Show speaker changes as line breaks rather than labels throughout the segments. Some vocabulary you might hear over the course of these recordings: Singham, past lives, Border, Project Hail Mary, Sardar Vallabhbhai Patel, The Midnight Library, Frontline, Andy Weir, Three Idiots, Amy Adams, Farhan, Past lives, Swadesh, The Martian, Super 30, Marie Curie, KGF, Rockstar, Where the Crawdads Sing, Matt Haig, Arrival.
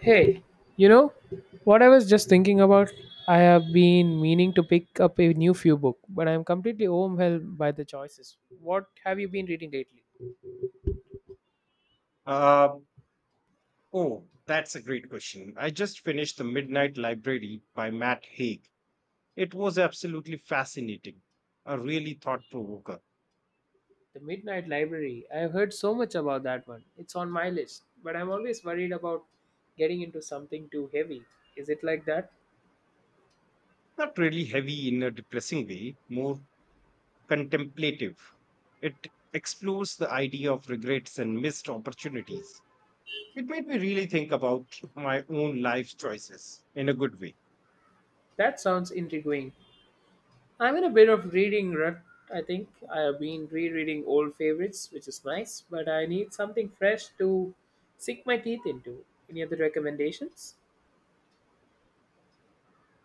Hey, you know what I was just thinking about? I have been meaning to pick up a new few book, but I am completely overwhelmed by the choices. What have you been reading lately?
Uh, oh, that's a great question. I just finished The Midnight Library by Matt Haig. It was absolutely fascinating, a really thought provoker.
The Midnight Library. I have heard so much about that one. It's on my list, but I'm always worried about getting into something too heavy. Is it like that?
Not really heavy in a depressing way, more contemplative. It explores the idea of regrets and missed opportunities. It made me really think about my own life choices in a good way.
That sounds intriguing. I'm in a bit of reading rut, I think. I have been rereading old favorites, which is nice, but I need something fresh to sink my teeth into. Any other recommendations?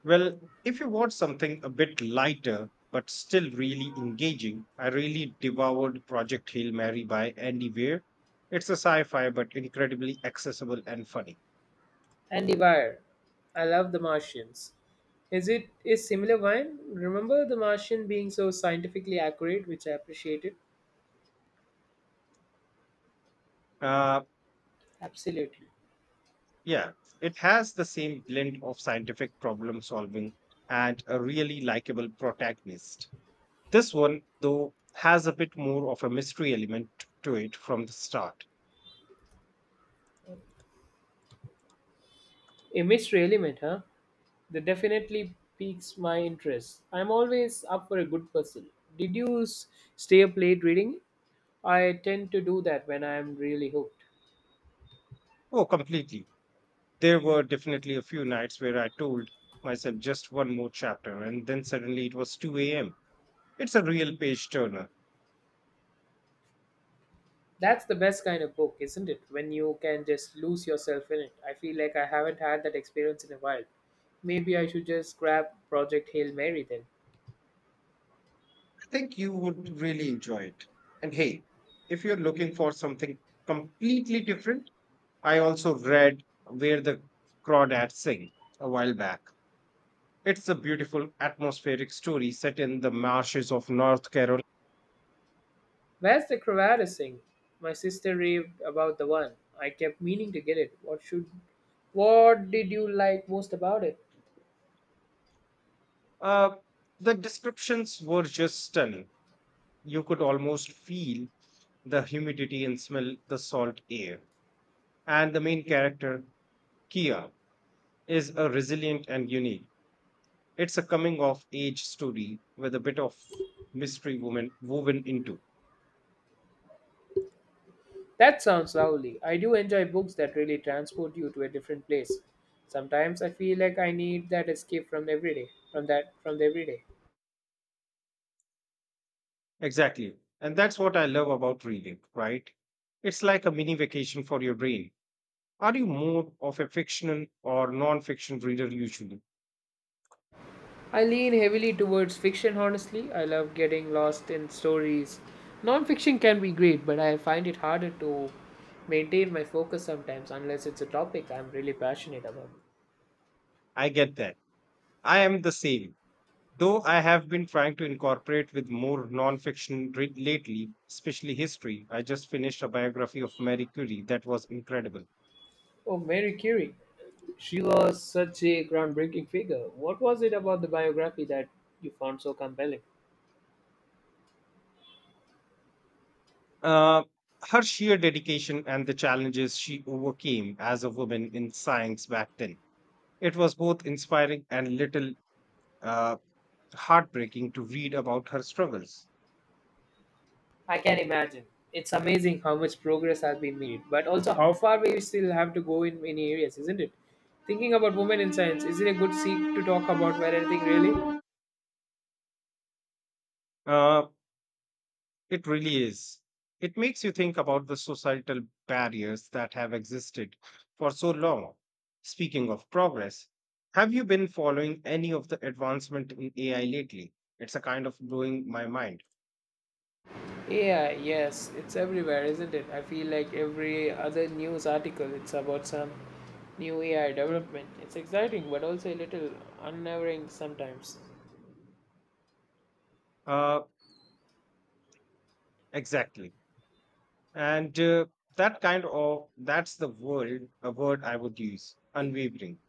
Well, if you want something a bit lighter but still really engaging, I really devoured Project Hail Mary by Andy Weir. It's a sci-fi but incredibly accessible and funny.
Andy Weir. I love The Martians. Is it is similar wine? Remember The Martian being so scientifically accurate, which I appreciated?
Uh,
Absolutely.
yeah, it has the same blend of scientific problem solving and a really likable protagonist. This one, though, has a bit more of a mystery element to it from the start.
Image really meant, huh? That definitely piques my interest. I'm always up for a good puzzle. Did you s- Stay up late reading? I tend to do that when I'm really hooked.
Oh, completely. There were definitely a few nights where I told myself just one more chapter, and then suddenly it was 2 a.m. It's a real page turner.
That's the best kind of book, isn't it? When you can just lose yourself in it. I feel like I haven't had that experience in a while. Maybe I should just grab Project Hail Mary then.
I think you would really enjoy it. And hey, if you're looking for something completely different, I also read Where the Crawdads Sing a while back. It's a beautiful atmospheric story set in the marshes of North Carolina.
Where's the Cravada sing? My sister raved about the one. I kept meaning to get it. What should what did you like most about it?
Uh, the descriptions were just stunning, you could almost feel the humidity and smell the salt air. And the main character, Kia, is a resilient and unique. It's a coming of age story with a bit of mystery woman woven into.
That sounds lovely. I do enjoy books that really transport you to a different place. Sometimes I feel like I need that escape from everyday, from the everyday.
Exactly. And that's what I love about reading, right? It's like a mini vacation for your brain. Are you more of a fictional or non fiction reader usually?
I lean heavily towards fiction honestly. I love getting lost in stories. Non-fiction can be great, but I find it harder to maintain my focus sometimes unless it's a topic I'm really passionate about.
I get that. I am the same. Though I have been trying to incorporate with more nonfiction read lately, especially history. I just finished a biography of Marie Curie that was incredible.
Oh, Mary Curie. She was such a groundbreaking figure. What was it about the biography that you found so compelling?
Uh, Her sheer dedication and the challenges she overcame as a woman in science back then. It was both inspiring and little, uh, heartbreaking to read about her struggles.
I can imagine. It's amazing how much progress has been made, but also how far we still have to go in many areas, isn't it? Thinking about women in science, is it a good seat to talk about where anything really?
Uh, It really is. It makes you think about the societal barriers that have existed for so long. Speaking of progress, have you been following any of the advancement in AI lately? It's a kind of blowing my mind.
Yeah, yes, it's everywhere, isn't it? I feel like every other news article, it's about some new AI development. It's exciting, but also a little unnerving sometimes.
Uh, exactly. And that's the word I would use, unwavering.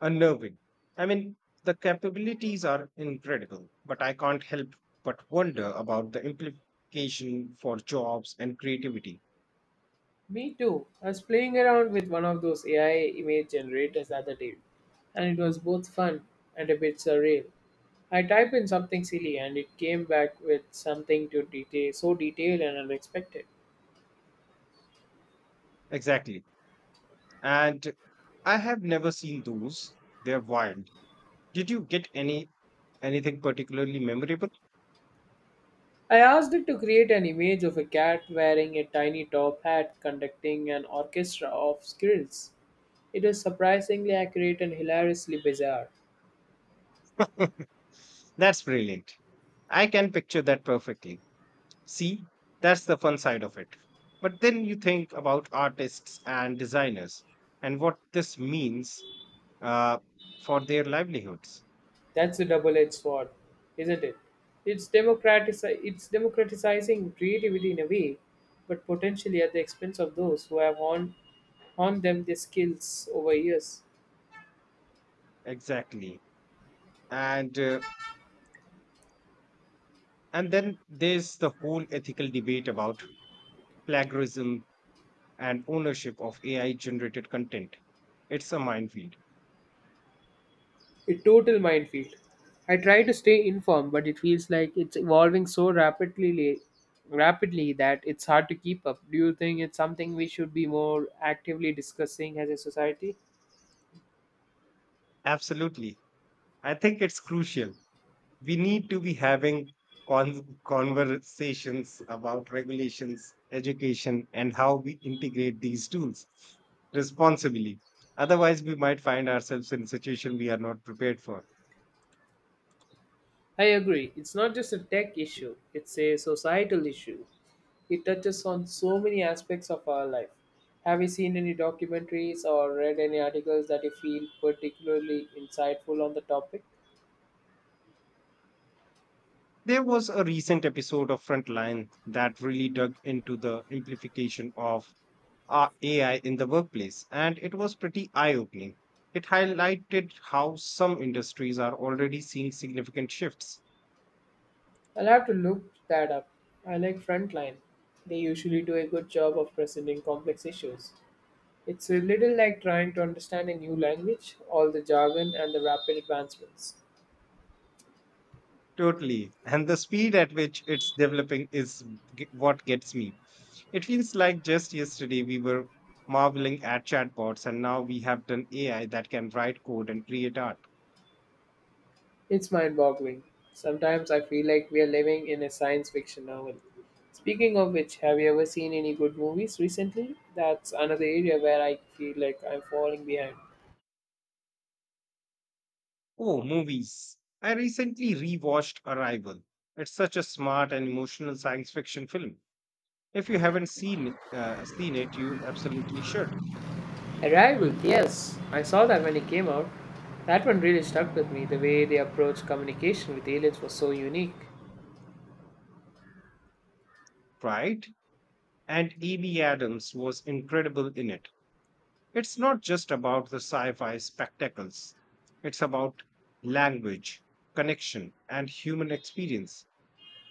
Unnerving. I mean, the capabilities are incredible, but I can't help but wonder about the implication for jobs and creativity.
Me too. I was playing around with one of those AI image generators the other day, and it was both fun and a bit surreal. I typed in something silly, and it came back with so detailed and unexpected.
Exactly. And I have never seen those. They're wild. Did you get anything particularly memorable?
I asked it to create an image of a cat wearing a tiny top hat conducting an orchestra of squirrels. It was surprisingly accurate and hilariously bizarre.
That's brilliant. I can picture that perfectly. See, that's the fun side of it. But then you think about artists and designers and what this means, uh, for their livelihoods.
That's a double-edged sword, isn't it? It's democratizing creativity in a way, but potentially at the expense of those who have honed them their skills over years.
Exactly. And uh, and then there's the whole ethical debate about plagiarism and ownership of AI generated content. It's a minefield.
A total minefield. I try to stay informed, but it feels like it's evolving rapidly that it's hard to keep up. Do you think it's something we should be more actively discussing as a society?
Absolutely. I think it's crucial. We need to be having conversations about regulations, education, and how we integrate these tools responsibly. Otherwise, we might find ourselves in a situation we are not prepared for.
I agree. It's not just a tech issue, it's a societal issue. It touches on so many aspects of our life. Have you seen any documentaries or read any articles that you feel particularly insightful on the topic?
There was a recent episode of Frontline that really dug into the implication of AI in the workplace, and it was pretty eye opening. It highlighted how some industries are already seeing significant shifts.
I'll have to look that up. I like Frontline. They usually do a good job of presenting complex issues. It's a little like trying to understand a new language, all the jargon and the rapid advancements.
Totally. And the speed at which it's developing is what gets me. It feels like just yesterday we were marveling at chatbots, and now we have done AI that can write code and create art.
It's mind boggling. Sometimes I feel like we are living in a science fiction novel. Speaking of which, have you ever seen any good movies recently? That's another area where I feel like I'm falling behind.
Oh, movies. I recently rewatched Arrival. It's such a smart and emotional science fiction film. If you haven't seen it, you absolutely should.
Arrival, yes. I saw that when it came out. That one really stuck with me. The way they approached communication with aliens was so unique.
Right? And Amy Adams was incredible in it. It's not just about the sci-fi spectacles. It's about language, connection, and human experience.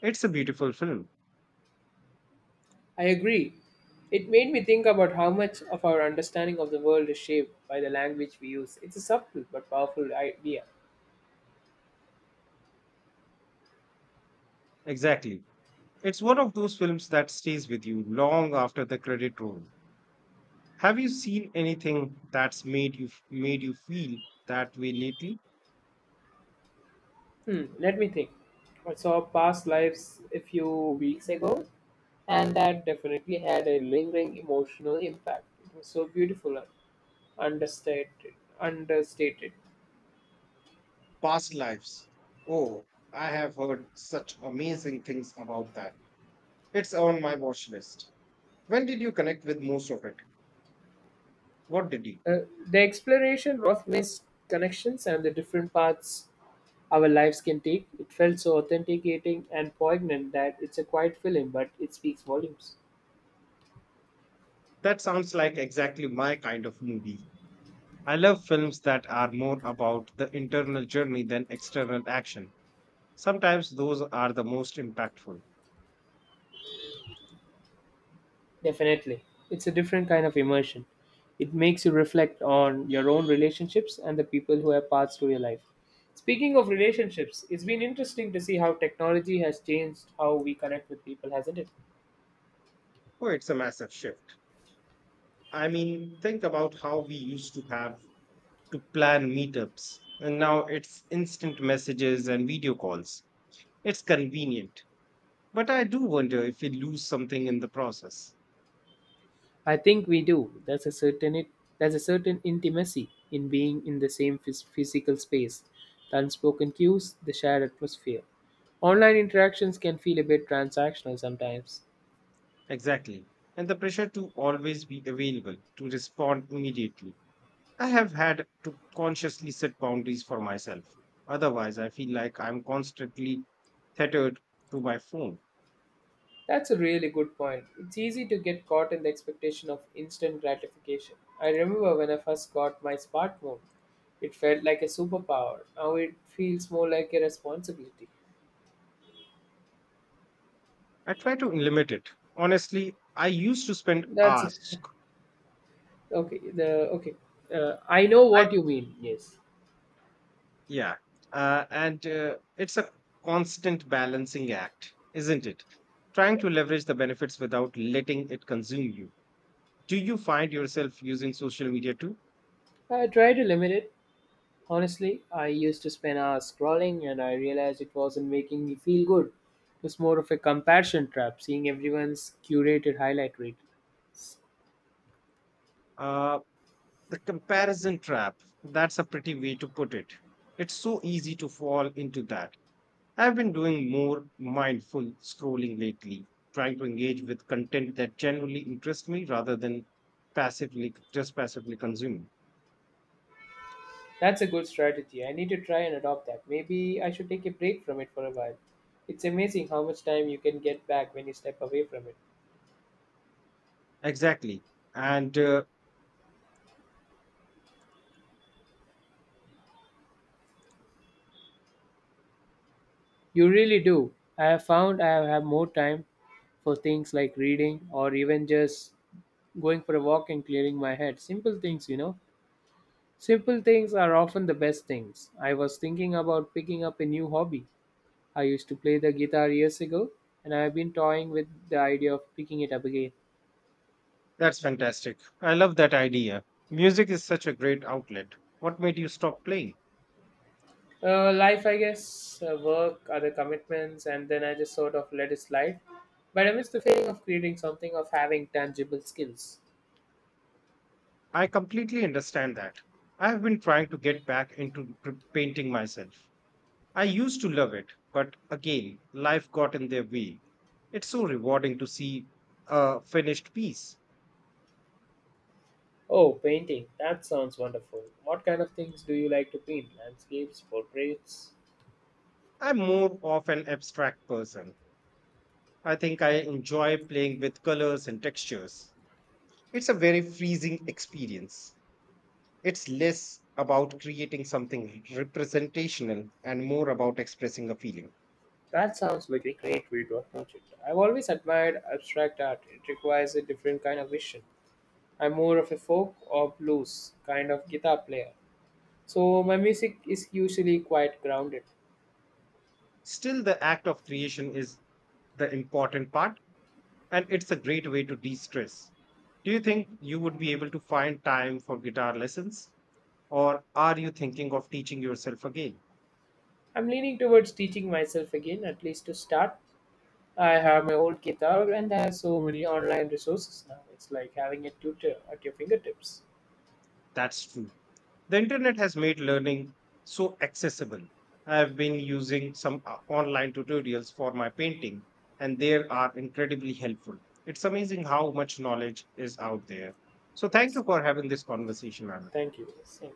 It's a beautiful film.
I agree. It made me think about how much of our understanding of the world is shaped by the language we use. It's a subtle but powerful idea.
Exactly. It's one of those films that stays with you long after the credit roll. Have you seen anything that's made you feel that way lately?
Hmm, let me think. I saw past lives a few weeks ago, and that definitely had a lingering emotional impact. It was so beautiful and understated. Understated.
Past lives. Oh, I have heard such amazing things about that. It's on my watch list. When did you connect with most of it? What did you?
Uh, the exploration of missed connections and the different paths our lives can take. It felt so authenticating and poignant that it's a quiet film, but it speaks volumes.
That sounds like exactly my kind of movie. I love films that are more about the internal journey than external action. Sometimes those are the most impactful.
Definitely. It's a different kind of immersion. It makes you reflect on your own relationships and the people who have passed through your life. Speaking of relationships, it's been interesting to see how technology has changed how we connect with people, hasn't it?
Oh, it's a massive shift. I mean, think about how we used to have to plan meetups. And now it's instant messages and video calls. It's convenient. But I do wonder if we lose something in the process.
I think we do. There's a certain intimacy in being in the same physical space, the unspoken cues, the shared atmosphere. Online interactions can feel a bit transactional sometimes.
Exactly. And the pressure to always be available, to respond immediately. I have had to consciously set boundaries for myself. Otherwise, I feel like I'm constantly tethered to my phone.
That's a really good point. It's easy to get caught in the expectation of instant gratification. I remember when I first got my smartphone, it felt like a superpower. Now it feels more like a responsibility.
I try to limit it. Honestly, I used to spend
That's
hours.
okay. Okay, I know what you mean. Yes.
Yeah. And it's a constant balancing act, isn't it? Trying
Yep.
to leverage the benefits without letting it consume you. Do you find yourself using social media too?
I try to limit it. Honestly, I used to spend hours scrolling, and I realized it wasn't making me feel good. It was more of a comparison trap, seeing everyone's curated highlight reels.
Uh, the comparison trap, that's a pretty way to put it. It's so easy to fall into that. I've been doing more mindful scrolling lately, trying to engage with content that genuinely interests me rather than just passively consuming.
That's a good strategy. I need to try and adopt that. Maybe I should take a break from it for a while. It's amazing how much time you can get back when you step away from it.
Exactly. And
You really do. I have found I have more time for things like reading or even just going for a walk and clearing my head. Simple things, you know. Simple things are often the best things. I was thinking about picking up a new hobby. I used to play the guitar years ago and I have been toying with the idea of picking it up again.
That's fantastic. I love that idea. Music is such a great outlet. What made you stop playing?
Life, I guess, work, other commitments, and then I just sort of let it slide. But I miss the feeling of creating something, of having tangible skills.
I completely understand that. I have been trying to get back into painting myself. I used to love it, but again, life got in their way. It's so rewarding to see a finished piece.
Oh, painting. That sounds wonderful. What kind of things do you like to paint? Landscapes, portraits?
I'm more of an abstract person. I think I enjoy playing with colors and textures. It's a very freezing experience. It's less about creating something representational and more about expressing a feeling.
That sounds like a great way to approach it. I've always admired abstract art. It requires a different kind of vision. I'm more of a folk or blues kind of guitar player. So my music is usually quite grounded.
Still, the act of creation is the important part, and it's a great way to de stress. Do you think you would be able to find time for guitar lessons? Or are you thinking of teaching yourself again?
I'm leaning towards teaching myself again, at least to start. I have my old guitar and I have so many online resources now. It's like having a tutor at your fingertips.
That's true. The internet has made learning so accessible. I have been using some online tutorials for my painting, and they are incredibly helpful. It's amazing how much knowledge is out there. So, thank
Yes.
you for having this conversation, Anna.
Thank you. Same.